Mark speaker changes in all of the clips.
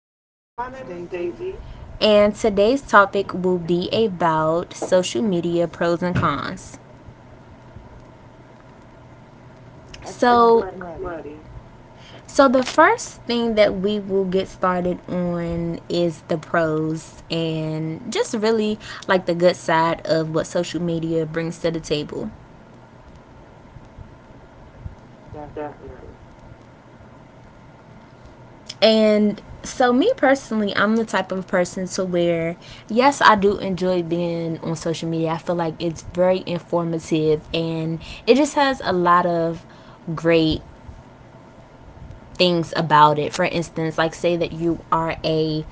Speaker 1: Hello, my name is Daisy.
Speaker 2: and today's topic will be about social media pros and cons.
Speaker 1: Excellent.
Speaker 2: So,
Speaker 1: I'm ready.
Speaker 2: so the first thing that we will get started on is the pros and just really like the good side of what social media brings to the table.
Speaker 1: Definitely.
Speaker 2: And so me personally, I'm the type of person to where yes, I do enjoy being on social media. I feel like it's very informative and it just has a lot of great things about it. For instance, like say that you are a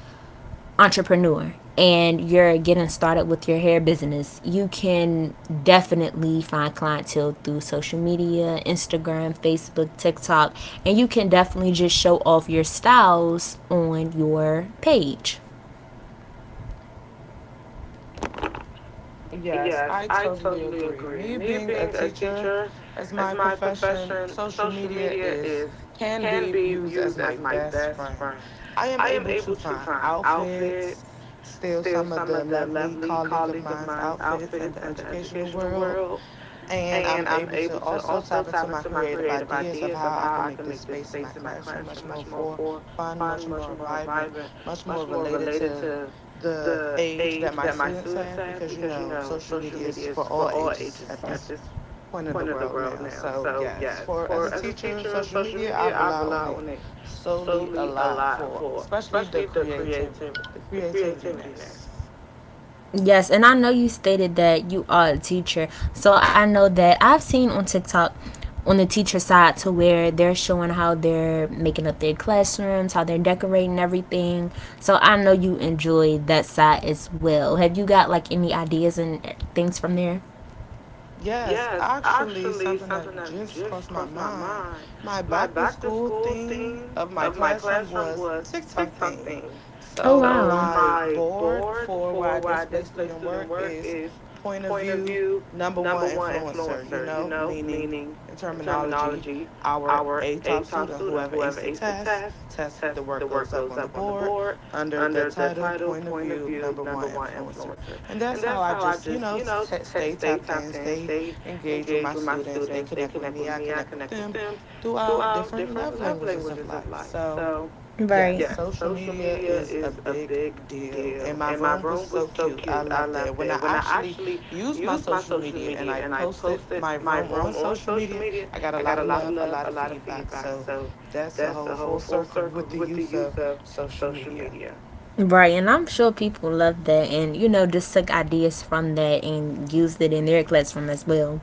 Speaker 2: entrepreneur and you're getting started with your hair business, you can definitely find clientele through social media, Instagram, Facebook, TikTok, and you can definitely just show off your styles on your page.
Speaker 1: Yes, I totally agree. Me being a teacher as my profession, social media is can be used as my best friend. I am able to find outfits, steal some of the lovely colleague of mine's outfits in the educational world, and I'm able to also tap into my creative ideas of how I can make this space in my classroom much more for fun, much more vibrant, much more related to the age that my students have because social media is for all ages at this point of the world now. So yes, for as a teacher, social media I rely on it solely a lot for especially the creativityness.
Speaker 2: Yes, and I know you stated that you are a teacher. So I know that I've seen on TikTok on the teacher side to where they're showing how they're making up their classrooms, how they're decorating everything. So I know you enjoy that side as well. Have you got like any ideas and things from there?
Speaker 1: Yes, actually, something that just crossed my mind. My back to school theme of my classroom was TikTok theme.
Speaker 2: Oh
Speaker 1: So
Speaker 2: wow.
Speaker 1: my board for where I display student work is point of view, number one influencer, meaning in terminology, our A top student, whoever aced the test. The work goes up on the board under the title point of view, number one influencer. And that's how I just, stay tapped in, stay engaged with my students. They connect with me, I connect with them through our different love languages of life. So, yeah,
Speaker 2: Right.
Speaker 1: social media is a big deal. And my room was so cute. I loved it. When I actually used my social media and I posted my room on social media, I got a lot of love, a lot of feedback. So, that's a whole full circle with the use of social media.
Speaker 2: Right, and I'm sure people love that, and you know just took ideas from that and used it in their classroom as well.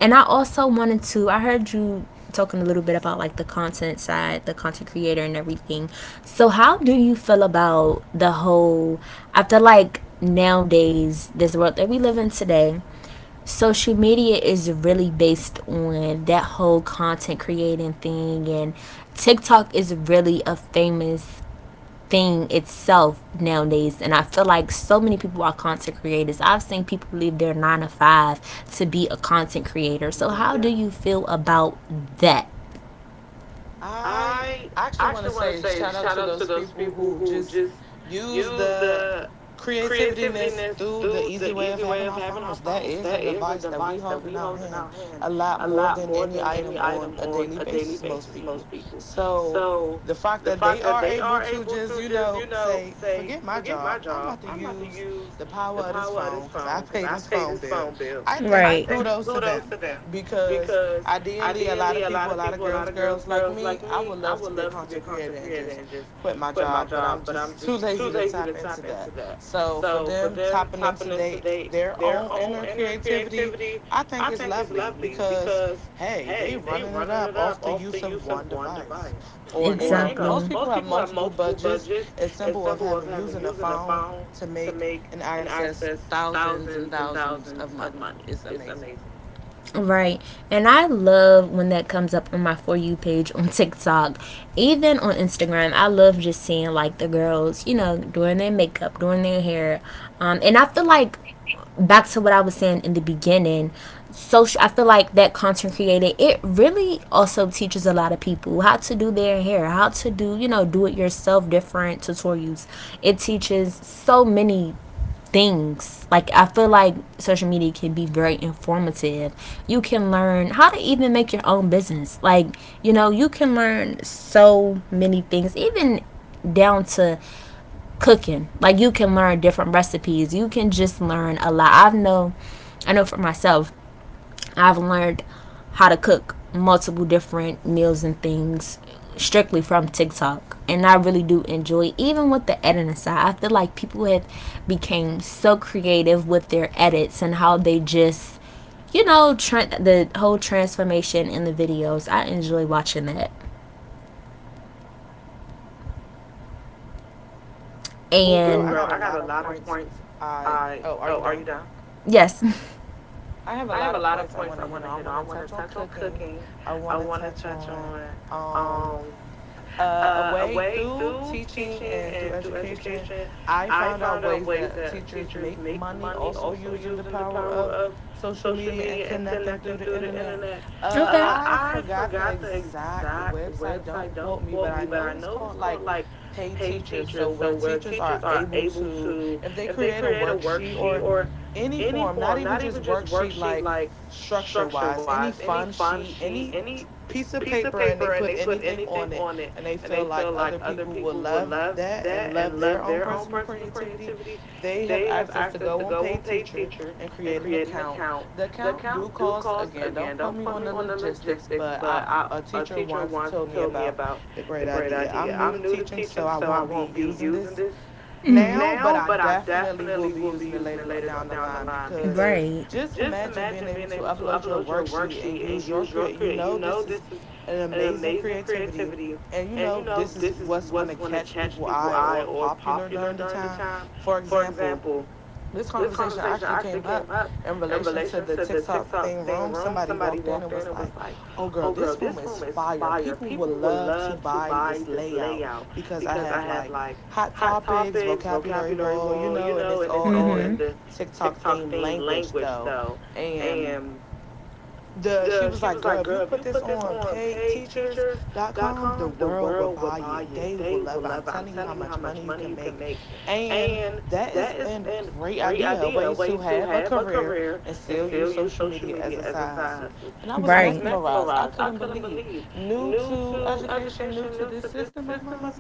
Speaker 2: And I also wanted to, I heard you talking a little bit about like the content side, the content creator and everything. So how do you feel about the whole, I feel like nowadays this world that we live in today, social media is really based on that whole content creating thing, and TikTok is really a famous thing itself nowadays, and I feel like so many people are content creators. I've seen people leave their nine to five to be a content creator, so how do you feel about that?
Speaker 1: I actually want to say shout out to those people who just use the creativityness through the easy way of having our phones. That is a device that we hold in our hand a lot more than any item on a daily basis, most people. So the fact that they are able to just, say, forget my job. I'm about to use the power of this phone because I pay this phone bill. I think
Speaker 2: Right.
Speaker 1: kudos to them because ideally, a lot of people, a lot of girls, girls like me, I would love to be a content creator and just quit my job, but I'm just too lazy to tap into that. So for them tapping into their own inner creativity, I think it's lovely because hey, they running it up off the use of one device. Or, most
Speaker 2: Exactly.
Speaker 1: people have multiple budgets. It's simple of having using a phone to make and access thousands and thousands of money. It's amazing.
Speaker 2: Right. And I love when that comes up on my For You page on TikTok, even on Instagram. I love just seeing like the girls, you know, doing their makeup, doing their hair. And I feel like back to what I was saying in the beginning, social, I feel like that content creator, it really also teaches a lot of people how to do their hair, how to do, you know, do it yourself different tutorials. It teaches so many things. Like I feel like social media can be very informative. You can learn how to even make your own business. Like, you know, you can learn so many things even down to cooking. Like you can learn different recipes. You can just learn a lot. I know for myself I've learned how to cook multiple different meals and things strictly from TikTok. And I really do enjoy even with the editing side. I feel like people have became so creative with their edits and how they just, you know, the whole transformation in the videos. I enjoy watching that.
Speaker 1: Oh, girl, I got a
Speaker 2: And
Speaker 1: lot of points. I oh, are you done?
Speaker 2: yes.
Speaker 1: I have a lot of points I want to hit on. I want to touch on cooking. I want to touch on um a way through teaching and through education. I found out ways that teachers make money also using the power of social media and connecting through the internet.
Speaker 2: Okay.
Speaker 1: I forgot the exact website, don't quote me, but I know it's called like Pay Teachers. So, where teachers are able to, if they create a worksheet or any form, not even just worksheet, like structure wise, any fun sheet, any piece of paper, and they put anything on it and they feel like other people will love that and love their own personal creativity, they have access to go on paid teacher and create an account. The account do cost again, don't put me on the logistics, but I a teacher once told me about the great idea. I'm new to teaching, so I won't be using this now, but I definitely will be using it later down the line because
Speaker 2: Right.
Speaker 1: just imagine being able to upload your worksheet and use your create. You know, this is an amazing creativity. And you know, this is what's going to catch people eye or popular during the time. For example, this conversation actually came up in relation to the TikTok theme room. Somebody walked in and was like, "Oh, girl, this room is fire. People would love to buy this layout because I have like hot topics, vocabulary wall, and it's all in the TikTok theme language, though." And the she was like, "Girl, if you put this on paidteachers.com, the world will buy it. They will love it. I'm telling you how much money you can make." And that is a great idea, a way to have a career and still use social media as a side hustle. And I was
Speaker 2: Right.
Speaker 1: mesmerized. I couldn't believe. New to education, new to this system of mine.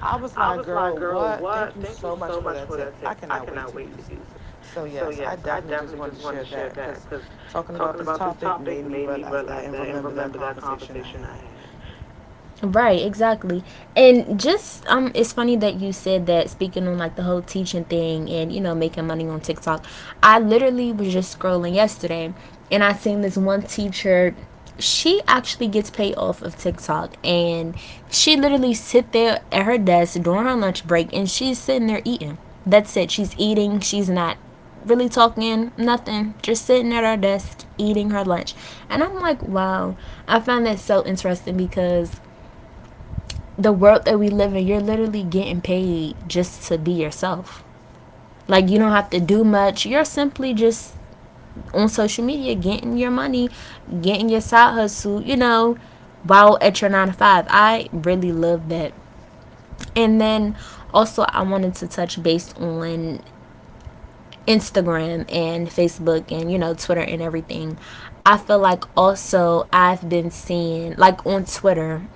Speaker 1: I was like, "Girl, what? Thank you so much for that tip. I cannot wait to use it." So yes, I definitely just wanted to share that because talking about this topic made me realize that and remember that conversation I had.
Speaker 2: Right, exactly. And just it's funny that you said that, speaking on like the whole teaching thing and you know making money on TikTok. I literally was just scrolling yesterday and I seen this one teacher, she actually gets paid off of TikTok, and she literally sit there at her desk during her lunch break and she's sitting there eating. That's it. She's eating. She's not really talking, nothing, just sitting at her desk eating her lunch. And I'm like, wow. I find that so interesting because the world that we live in, you're literally getting paid just to be yourself. Like you don't have to do much. You're simply just on social media getting your money, getting your side hustle, you know, while at your nine to five. I really love that. And then also I wanted to touch base on Instagram and Facebook and you know Twitter and everything. I feel like also I've been seeing like on Twitter,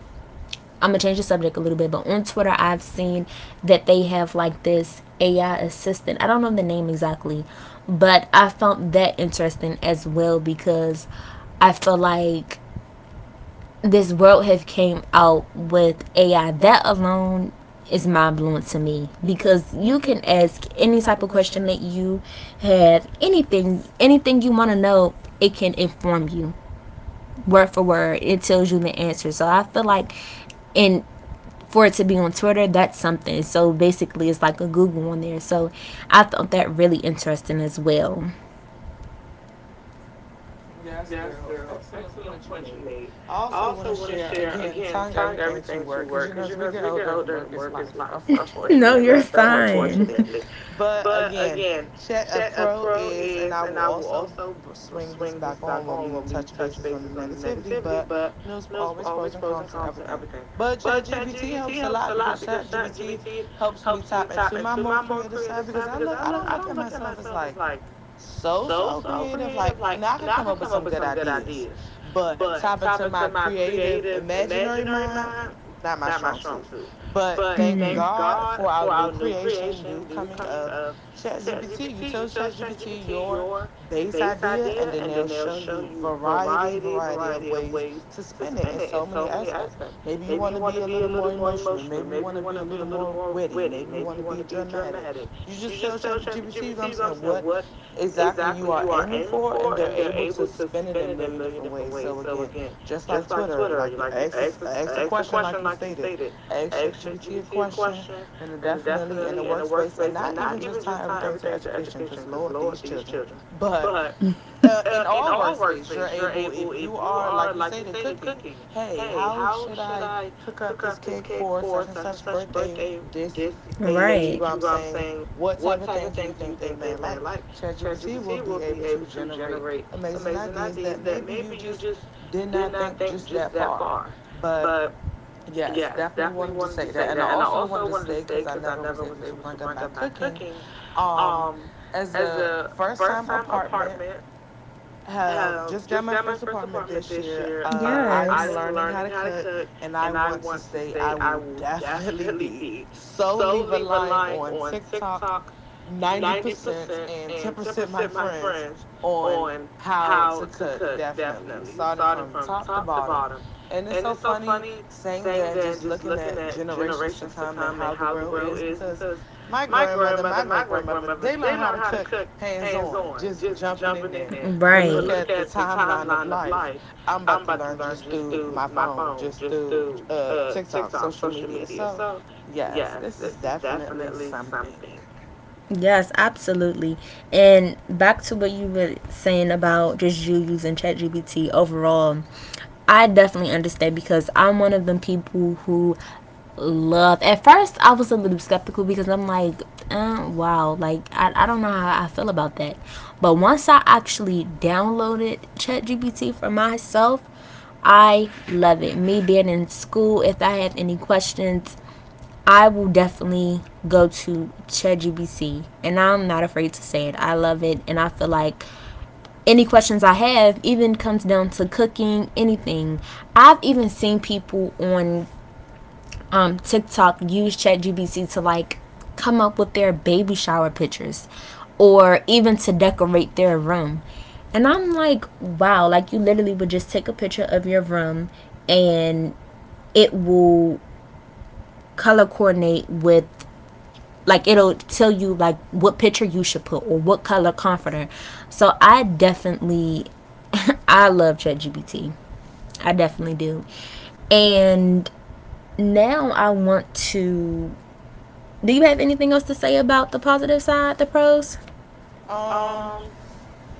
Speaker 2: I'm gonna change the subject a little bit, but on Twitter, I've seen that they have like this AI assistant. I don't know the name exactly, but I found that interesting as well because I feel like this world have came out with AI. That alone is mind blowing to me because you can ask any type of question that you have, anything, anything you want to know, it can inform you word for word. It tells you the answer. So I feel like in, for it to be on Twitter, that's something. So basically, it's like a Google on there. So I found that really interesting as well.
Speaker 1: Yes, girl. Excellent point you made. I also want to share again, tying everything to work because you know, as we get older, work is life, unfortunately, but fortunately. But again, check a pro is, and I will also swing this back on when we touch bases on the negativity. But you know, there's always pros and cons to everything. But ChatGPT helps a lot because ChatGPT helps me tap into my more creative side because I don't look at myself as like so so creative. Like now I can come up with some good ideas, but tap into my creative imaginary mind, not my strong suit. But thank God for our new creation, new coming of ChatGPT. You tell ChatGPT your base idea, and then they'll show you variety, variety of ways to spin it in so many aspects. Maybe you want to be a little more emotional. Maybe you want to be a little more witty. Maybe you want to be dramatic. You just tell ChatGPT, you know what I'm saying? What exactly you are aiming for, and they're able to spin it in a million different ways. So again, just like Twitter, like ask a question, like you stated, ask ChatGPT a question, and it definitely in the workspace, and not even just tie everything to education because Lord, these children. But in all workspace, you're able, if you are, like you said, in cooking, hey, how should I hook up this cake for such and such birthday, this age? You
Speaker 2: Right.
Speaker 1: know what I'm saying? What type of things do you think they may like? ChatGPT will be able to generate amazing ideas that maybe you just did not think just that far. But yes, definitely wanted to say that. And I also wanted to say, because I never was able to bring up by cooking, um, as a first time apartment just got my first apartment this year. I am
Speaker 2: Yes.
Speaker 1: learning how to cook, and I want to stay. I will definitely be solely relying on TikTok, 90%, and 10% my friends on how to cook. Definitely starting from top to bottom, and it's so funny saying that and just looking at generations to come and how the world is because my grandmother, my great grandmother, they learn how to cook hands on, just jumping in there but look
Speaker 2: Right.
Speaker 1: at the timeline of life. I'm about to learn just through my phone, just through TikTok, social media. So, yes, this is definitely something.
Speaker 2: Yes, absolutely. And back to what you were saying about just you using ChatGPT overall, I definitely understand because I'm one of them people who love. At first, I was a little skeptical because I'm like, wow, like I don't know how I feel about that. But once I actually downloaded ChatGPT for myself, I love it. Me being in school, if I have any questions, I will definitely go to ChatGPT, and I'm not afraid to say it. I love it, and I feel like any questions I have, even comes down to cooking, anything. I've even seen people on TikTok use ChatGPT to like come up with their baby shower pictures, or even to decorate their room. And I'm like, wow, like you literally would just take a picture of your room, and it will color coordinate with, like it'll tell you like what picture you should put or what color comforter. So I definitely I love ChatGPT. I definitely do. And now I want to, do you have anything else to say about the positive side, the pros?
Speaker 1: Um,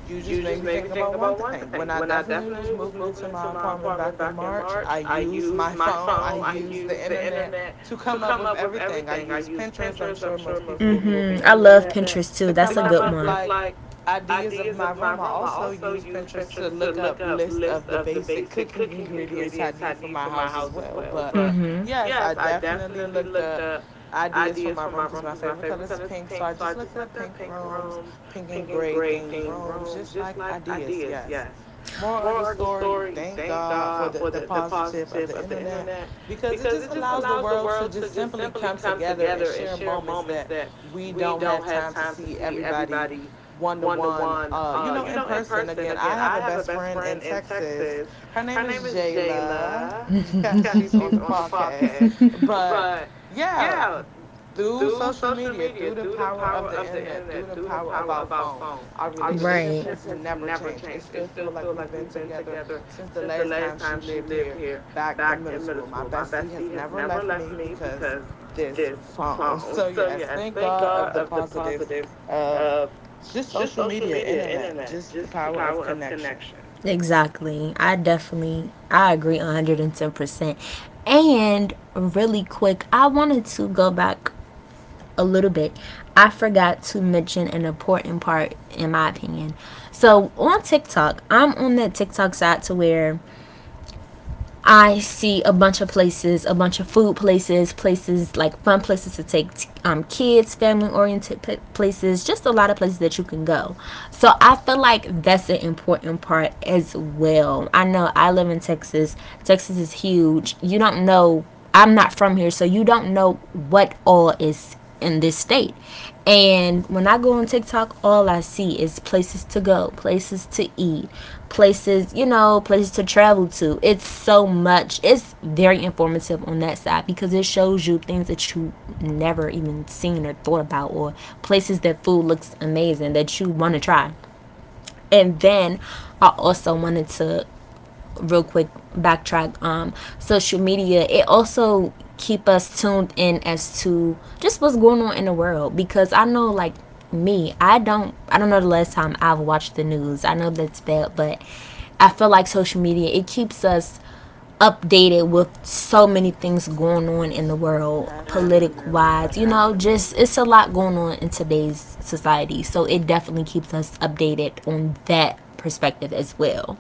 Speaker 1: you just made me think about one thing. When I definitely was moving into my apartment back in March, I used my phone, I used the internet to come up with everything. I used Pinterest, I'm sure most people will be
Speaker 2: Mm, I
Speaker 1: familiar with
Speaker 2: love
Speaker 1: that,
Speaker 2: Pinterest
Speaker 1: to
Speaker 2: too. That's
Speaker 1: come
Speaker 2: a
Speaker 1: up
Speaker 2: good
Speaker 1: with
Speaker 2: one.
Speaker 1: like ideas of my room. I also used Pinterest to look up list of the basic cooking ingredients I need for my house as well. But yes, I definitely looked up ideas for my room because my favorite color is pink. So I just looked up pink rooms, pink and gray themed rooms, just like ideas, yes. Moral of the story, thank God for the positive of the internet because it just allows the world to just simply come together and share moments that we don't have time to see everybody one to one, in person. Again, I have a best friend in Texas. Her name is Jayla. Yeah, she's on the podcast. But yeah, through social media, through the power of the internet, through the power of our phone, our relationship
Speaker 2: Right.
Speaker 1: has never changed. It still feels like we've been together since the last time she lived here back in middle school. My bestie has never left me because this phone. So yes, thank God of the positives of just social media, internet, just the power of connection.
Speaker 2: Exactly. I definitely I agree 110%. And really quick, I wanted to go back a little bit, I forgot to mention an important part in my opinion. So on TikTok, I'm on that TikTok side to where I see a bunch of places, a bunch of food places, places like fun places to take kids, family oriented places, just a lot of places that you can go. So I feel like that's an important part as well. I know I live in Texas, Texas is huge. You don't know, I'm not from here, so you don't know what all is in this state. And when I go on TikTok, all I see is places to go, places to eat, places, you know, places to travel to. It's so much. It's very informative on that side because it shows you things that you never even seen or thought about, or places that food looks amazing that you want to try. And then I also wanted to real quick backtrack, social media, it also keep us tuned in as to just what's going on in the world, because I know like me, I don't know the last time I've watched the news. I know that's bad, but I feel like social media, it keeps us updated with so many things going on in the world, politic
Speaker 1: Definitely,
Speaker 2: wise, you know,
Speaker 1: definitely.
Speaker 2: just it's a lot going on in today's society, so it definitely keeps us updated on that perspective as well.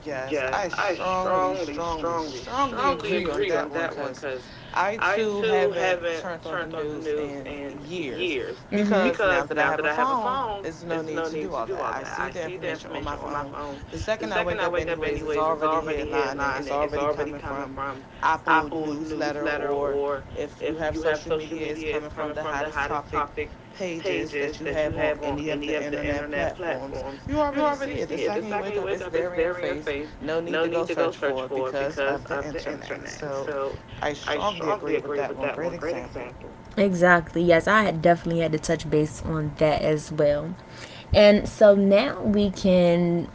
Speaker 1: Yes, I strongly, strongly, strongly agree on that one because I too haven't turned on the news in years because now that I have a phone, there's no need to do all that. I see the information on my phone. The second I wake up, anyways, it's already headlining, it's already coming from Apple newsletter, or if you have social media, it's coming from the hottest topic pages that you have on any of the internet platforms. You already see it. The second you wake up, it's there in your face. No need to go search for it because of the internet. So I strongly agree with that one. Great example.
Speaker 2: Exactly. Yes, I had definitely had to touch base on that as well. And so now we can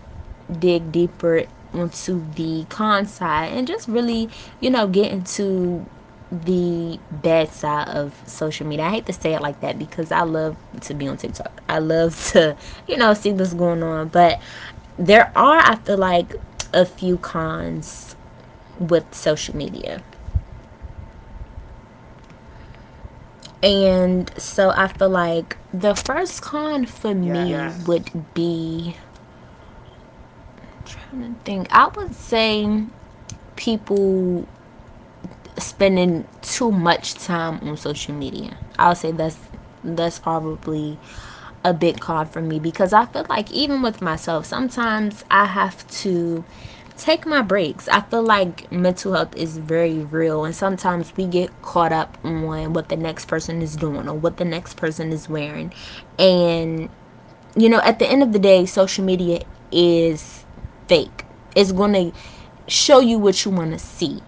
Speaker 2: dig deeper into the con side and just really, you know, get into the bad side of social media. I hate to say it like that because I love to be on TikTok. I love to, you know, see what's going on. But there are, I feel like, a few cons with social media. And so I feel like the first
Speaker 1: Yes,
Speaker 2: con for me would be, I'm trying to think. I would say people spending too much time on social media. I'll say that's probably a big con for me, because I feel like even with myself, sometimes I have to take my breaks. I feel like mental health is very real, and sometimes we get caught up on what the next person is doing or what the next person is wearing, and you know, at the end of the day, social media is fake. It's going to show you what you want to see.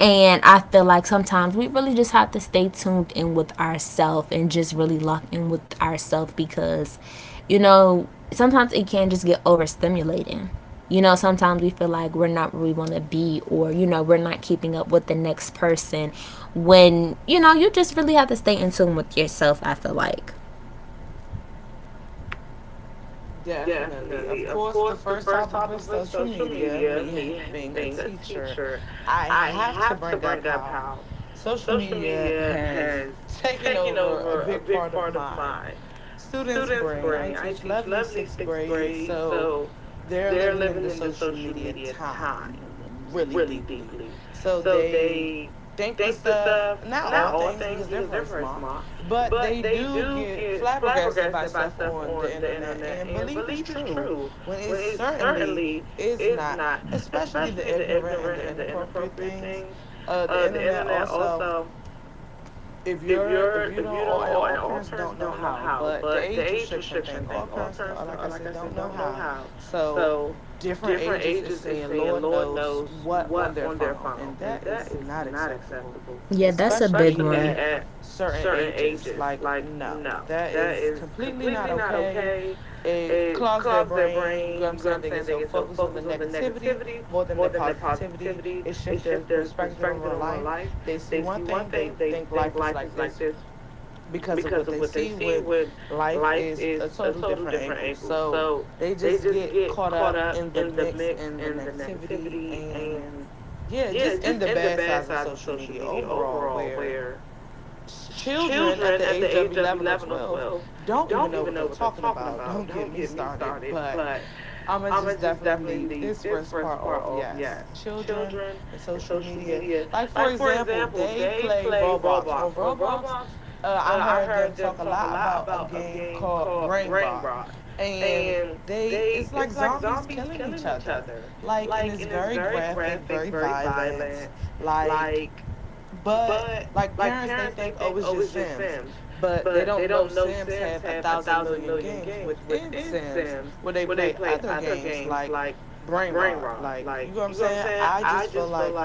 Speaker 2: And I feel like sometimes we really just have to stay tuned in with ourselves and just really lock in with ourselves, because, you know, sometimes it can just get overstimulating. You know, sometimes we feel like we're not where we want to be, or, you know, we're not keeping up with the next person when, you know, you just really have to stay in tune with yourself, I feel like.
Speaker 1: definitely. Of course, the first topic was social media. Me being a teacher, I have to bring up how social media has taken over a big part of my students' brain. I teach lovely sixth grade. So they're living in the social media time really deeply. So they think the stuff, not all things because they're very smart, but they do get flabbergasted by stuff on the internet and believe it's true when it certainly is not, especially the ignorant and the inappropriate things. The internet also, if you're, if you don't, all and all parents don't know how, but the age restriction thing, all parents don't, like I said, don't know how. So different ages is seeing lord knows what on their phone, and that is not acceptable,
Speaker 2: Yeah, that's a big
Speaker 1: especially, yeah,
Speaker 2: one.
Speaker 1: at certain ages. Like, no, that is completely not okay. It clogs their brain, you know what I'm saying? They get so focused on the negativity more than the positivity. It shifts their perspective on their life. They see one thing, they think life is like this because of what they see, when life is a total different angle. So they just get caught up in the mix and the negativity, and yeah, just in the bad sides of social media overall, where children at the age of 11 or 12 don't even know what they're talking about. Don't get me started, but I'm gonna just definitely leave this first part off. Yes, children and social media. Like, for example, they play Roblox. On Roblox, I heard them talk a lot about a game called Brain Rot, and they it's like zombies killing each other. Like, and it's very graphic, very violent. Like, but like, parents, they think, oh, it's just Sims, but they don't know Sims have a thousand million games within Sims where they play other games like Brain Rot. Like, you know what I'm saying? I just feel like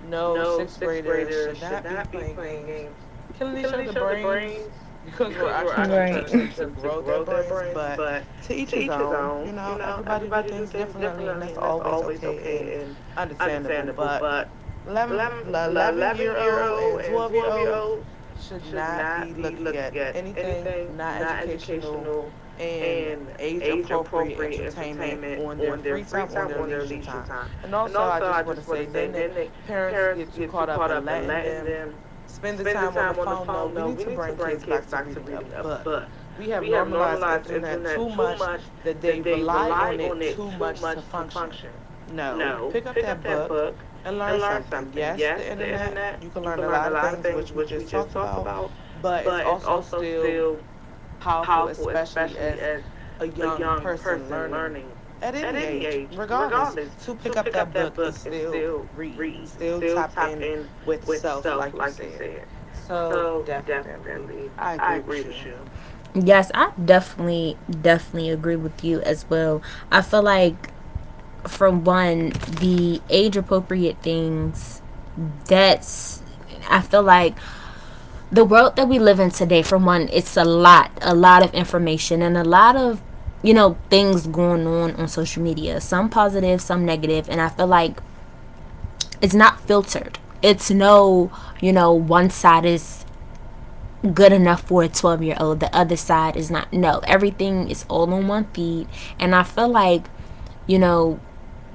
Speaker 1: no, sixth graders should not be playing games killing each other brains because we're actually trying to
Speaker 2: Right.
Speaker 1: teach them to grow their brains. But to each his own, you know, everybody do things differently, and that's always okay and understandable. But 11, year old and 12-year-olds should not be looking at anything not educational and age appropriate entertainment on their free time, on their leisure time. And also, I just want to say, then the parents get too caught up in letting them spend the time on the phone. No, we need to bring kids back to reading a book. We have normalized internet too much that they rely on it too much to function. No, pick up that book and learn something. Yes, the internet, you can learn a lot of things, which we just talked about, but it's also still powerful, especially as a young person learning at any age, regardless, to pick up that book and still read and still tap in with self, like you said. So, definitely, I agree with you.
Speaker 2: Yes, I definitely agree with you as well. I feel like, for one, the age appropriate that's, I feel like the world that we live in today, for one, it's a lot of information and a lot of, things going on social media, some positive, some negative, and I feel like it's not filtered. It's no, one side is good enough for a 12-year-old. The other side is not. No, everything is all on one feed. And I feel like, you know,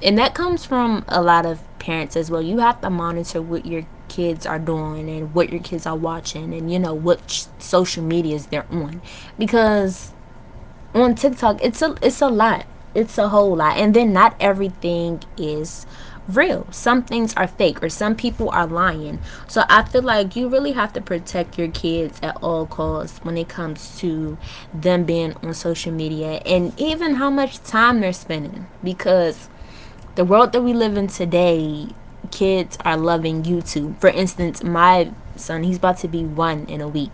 Speaker 2: and that comes from a lot of parents as well. You have to monitor what your kids are doing and what your kids are watching and, what social medias they're on. Because on TikTok, it's a lot. It's a whole lot. And then not everything is real. Some things are fake or some people are lying. So I feel like you really have to protect your kids at all costs when it comes to them being on social media and even how much time they're spending because the world that we live in today, kids are loving YouTube. For instance, my son, he's about to be one in a week,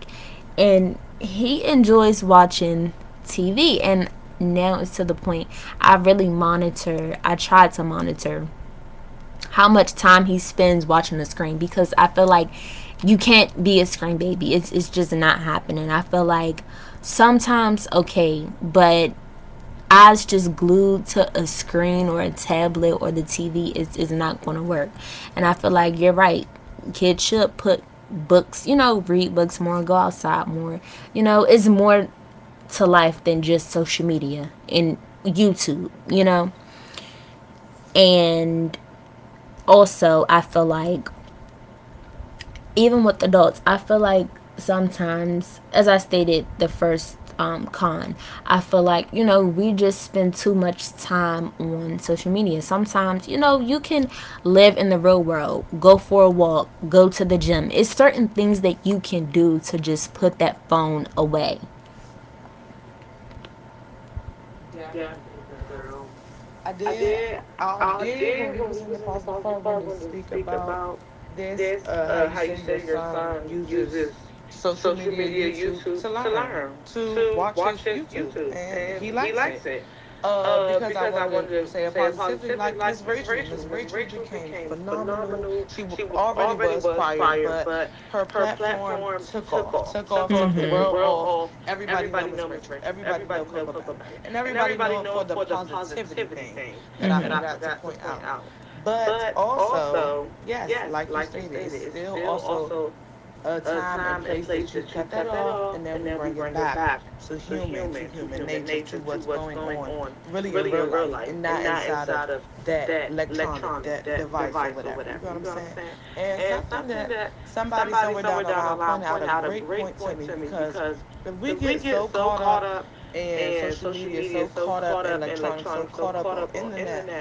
Speaker 2: and he enjoys watching TV. And now it's to the point I really monitor, I try to monitor how much time he spends watching the screen because I feel like you can't be a screen baby. It's just not happening. I feel like sometimes okay, but eyes just glued to a screen or a tablet or the TV is not going to work. And I feel like you're right. Kids should put books, read books more, go outside more. You know, it's more to life than just social media and YouTube, you know? And also, I feel like even with adults, I feel like sometimes, as I stated the first con, I feel like, we just spend too much time on social media. Sometimes, you can live in the real world, go for a walk, go to the gym. It's certain things that you can do to just put that phone away.
Speaker 1: Definitely, girl. I did. I did when we was in the positive part, when to speak about this. How you say your son uses social media, YouTube, to learn, to watch his YouTube, and he likes it, because I wanted to say a positivity, like Miss Rachel. Miss Rachel became phenomenal. She already was prior, but her platform took off, took off, took the world off. Everybody know Miss Rachel. Everybody know Coco Ballin, and everybody know it for the positivity thing that I forgot to point out. But also, yes, like you stated, it's still also a time and place that you cut that off, and then we bring it back to human nature, to what's going on really in real life and not inside of that electronic, that device, or whatever, you know what I'm saying? And something that somebody somewhere down the line pointed out a great point to me, because if we get so caught up in social media, so caught up in electronics, so caught up on internet,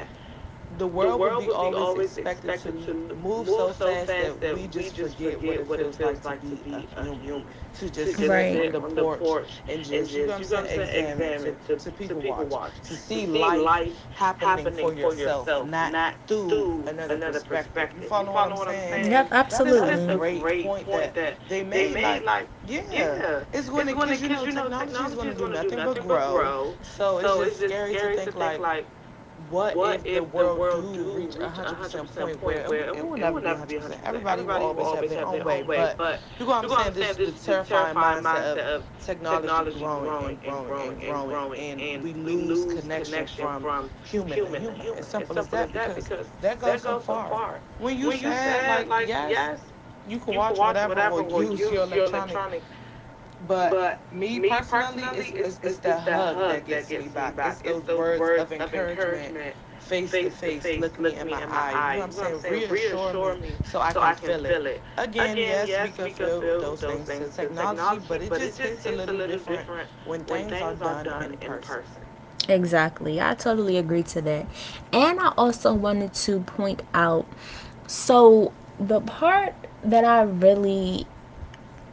Speaker 1: the world would be always expected to move so fast that we just forget what it feels like to be a human, to just sit
Speaker 2: Right.
Speaker 1: on the porch and just, you know what I'm saying, examine, to people watch, to see life happening for yourself, not through another perspective. You follow what I'm saying?
Speaker 2: Yep,
Speaker 1: That is a
Speaker 2: absolutely.
Speaker 1: great point that they made. Like, yeah, it's going to, because you know, technology is going to do nothing but grow. So it's just scary to think, like, what if the world do reach 100% point where, and we, it will never be 100%. Everybody will always have their own way, but you know what I'm saying. This is the terrifying mindset of technology growing and growing and growing, and we lose connection from human to human. As simple as that, because that goes so far. When you said like, yes, you can watch whatever or use your electronic, but me personally, it's the hug that gets me back. It's those words of encouragement, face to face. Look me in my eyes. You know what I'm saying? Reassure me so I can feel it. Again, yes, we could feel those things to technology, but it just hits a little different when things are done in person.
Speaker 2: Exactly. I totally agree to that. And I also wanted to point out so the part that I really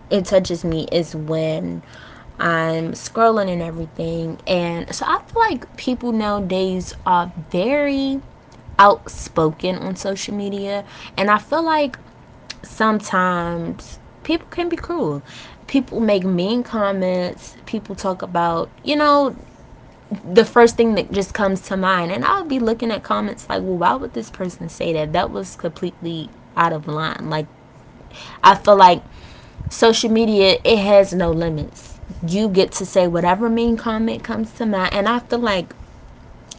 Speaker 2: it touches me is when I'm scrolling and everything. And so I feel like people nowadays are very outspoken on social media and I feel like sometimes people can be cruel. People make mean comments, people talk about, the first thing that just comes to mind. And I'll be looking at comments like, well, why would this person say that? That was completely out of line. Like, I feel like social media, it has no limits. You get to say whatever mean comment comes to mind. And I feel like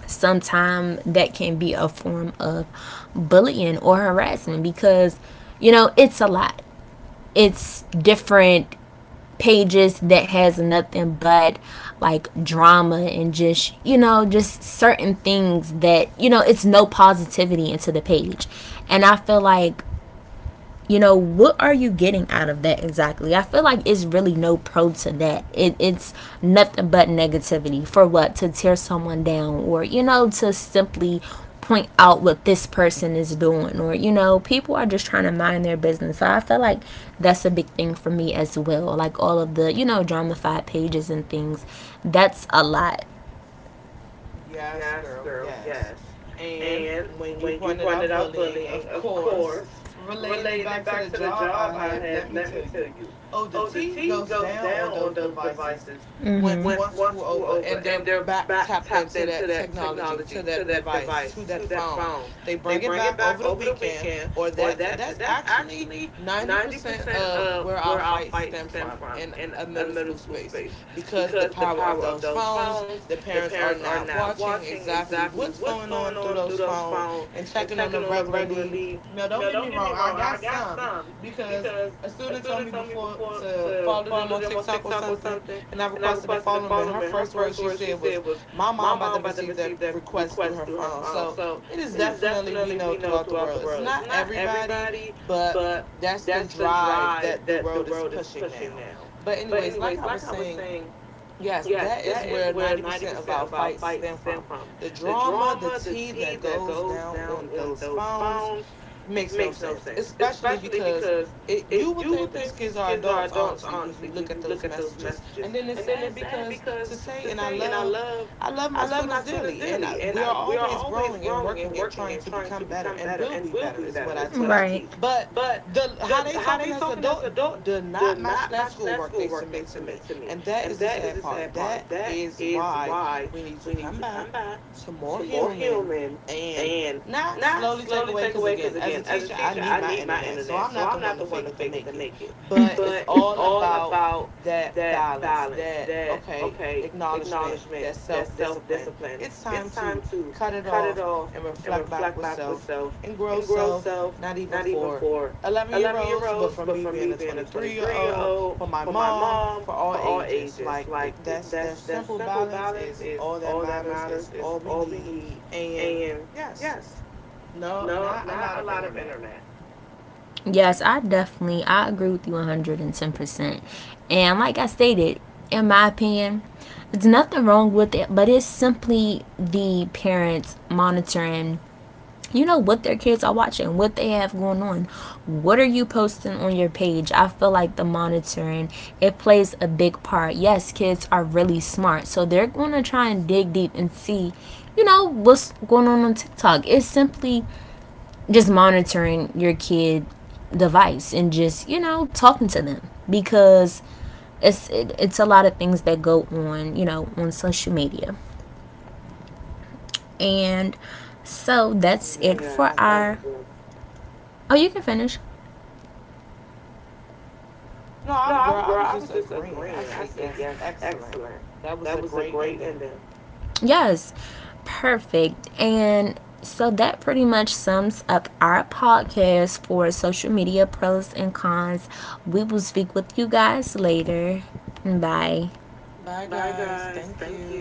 Speaker 2: sometimes that can be a form of bullying or harassment because, it's a lot. It's different pages that has nothing but like drama and just just certain things that it's no positivity into the page. And I feel like, what are you getting out of that? Exactly. I feel like it's really no pro to that. It's nothing but negativity for what, to tear someone down, or to simply point out what this person is doing, or people are just trying to mind their business. So I feel like that's a big thing for me as well, like all of the dramified pages and things. That's a lot.
Speaker 1: Yes, girl, yes. And when you pointed out bullying, of course, relating it back to the job I have, let me tell you, oh, the T goes down on those devices once school over, and they're back tapped into that technology, to that device, to that phone. They bring it back over the weekend, or that's actually 90% of where our fights stem from in a middle school space, because the power of those phones, the parents are not watching exactly what's going on through those phones and checking on them regularly. Now, don't get me wrong, I got some, because a student told me before to follow them on TikTok or something, and I requested to follow them. And her first words she said was, my mom about to receive that request through her phone. So it is definitely, we know throughout the world, it's not everybody, but that's the drive that the world is pushing now. But anyways, like I was saying, yes, that is where 90% of our fights stem from. The drama, the tea that goes down on those phones, makes no sense, especially because it, you would think these kids are adults, honestly, when you look at those messages. And then it's sad because to say, and I love my students dearly, and I, we are always growing and working and trying to become better, and will be better, is what I
Speaker 2: Right.
Speaker 1: teach. But the how they talking as adult do not match that schoolwork they submit to me, and that is the sad part. That is why we need to come back to more human and not slowly take away, because again, as a teacher, I need my internet. So I'm not the one to fake it to make it. But it's all about that balance, that, okay, acknowledgement, that self discipline. It's time to cut it off and reflect back with self and grow self, not even for 11-year-olds, but for me being a 23-year-old, for my mom, for all ages. Like, that's, that simple balance is all that matters, is all we need. And yes. No, not a lot of internet.
Speaker 2: Yes, I definitely I agree with you 110%. And like I stated, in my opinion, it's nothing wrong with it, but it's simply the parents monitoring what their kids are watching, what they have going on. What are you posting on your page? I feel like the monitoring, it plays a big part. Yes, kids are really smart, so they're going to try and dig deep and see what's going on TikTok. It's simply just monitoring your kid device and just talking to them because it's a lot of things that go on on social media. And
Speaker 1: Yes,
Speaker 2: so
Speaker 1: excellent.
Speaker 2: that's it for our, oh, you can finish.
Speaker 1: No, I, girl, I was just agreeing. I said yes, excellent. That was a great ending.
Speaker 2: Yes, perfect. And so that pretty much sums up our podcast for social media pros and cons. We will speak with you guys later. Bye.
Speaker 1: Bye, guys. Thank you.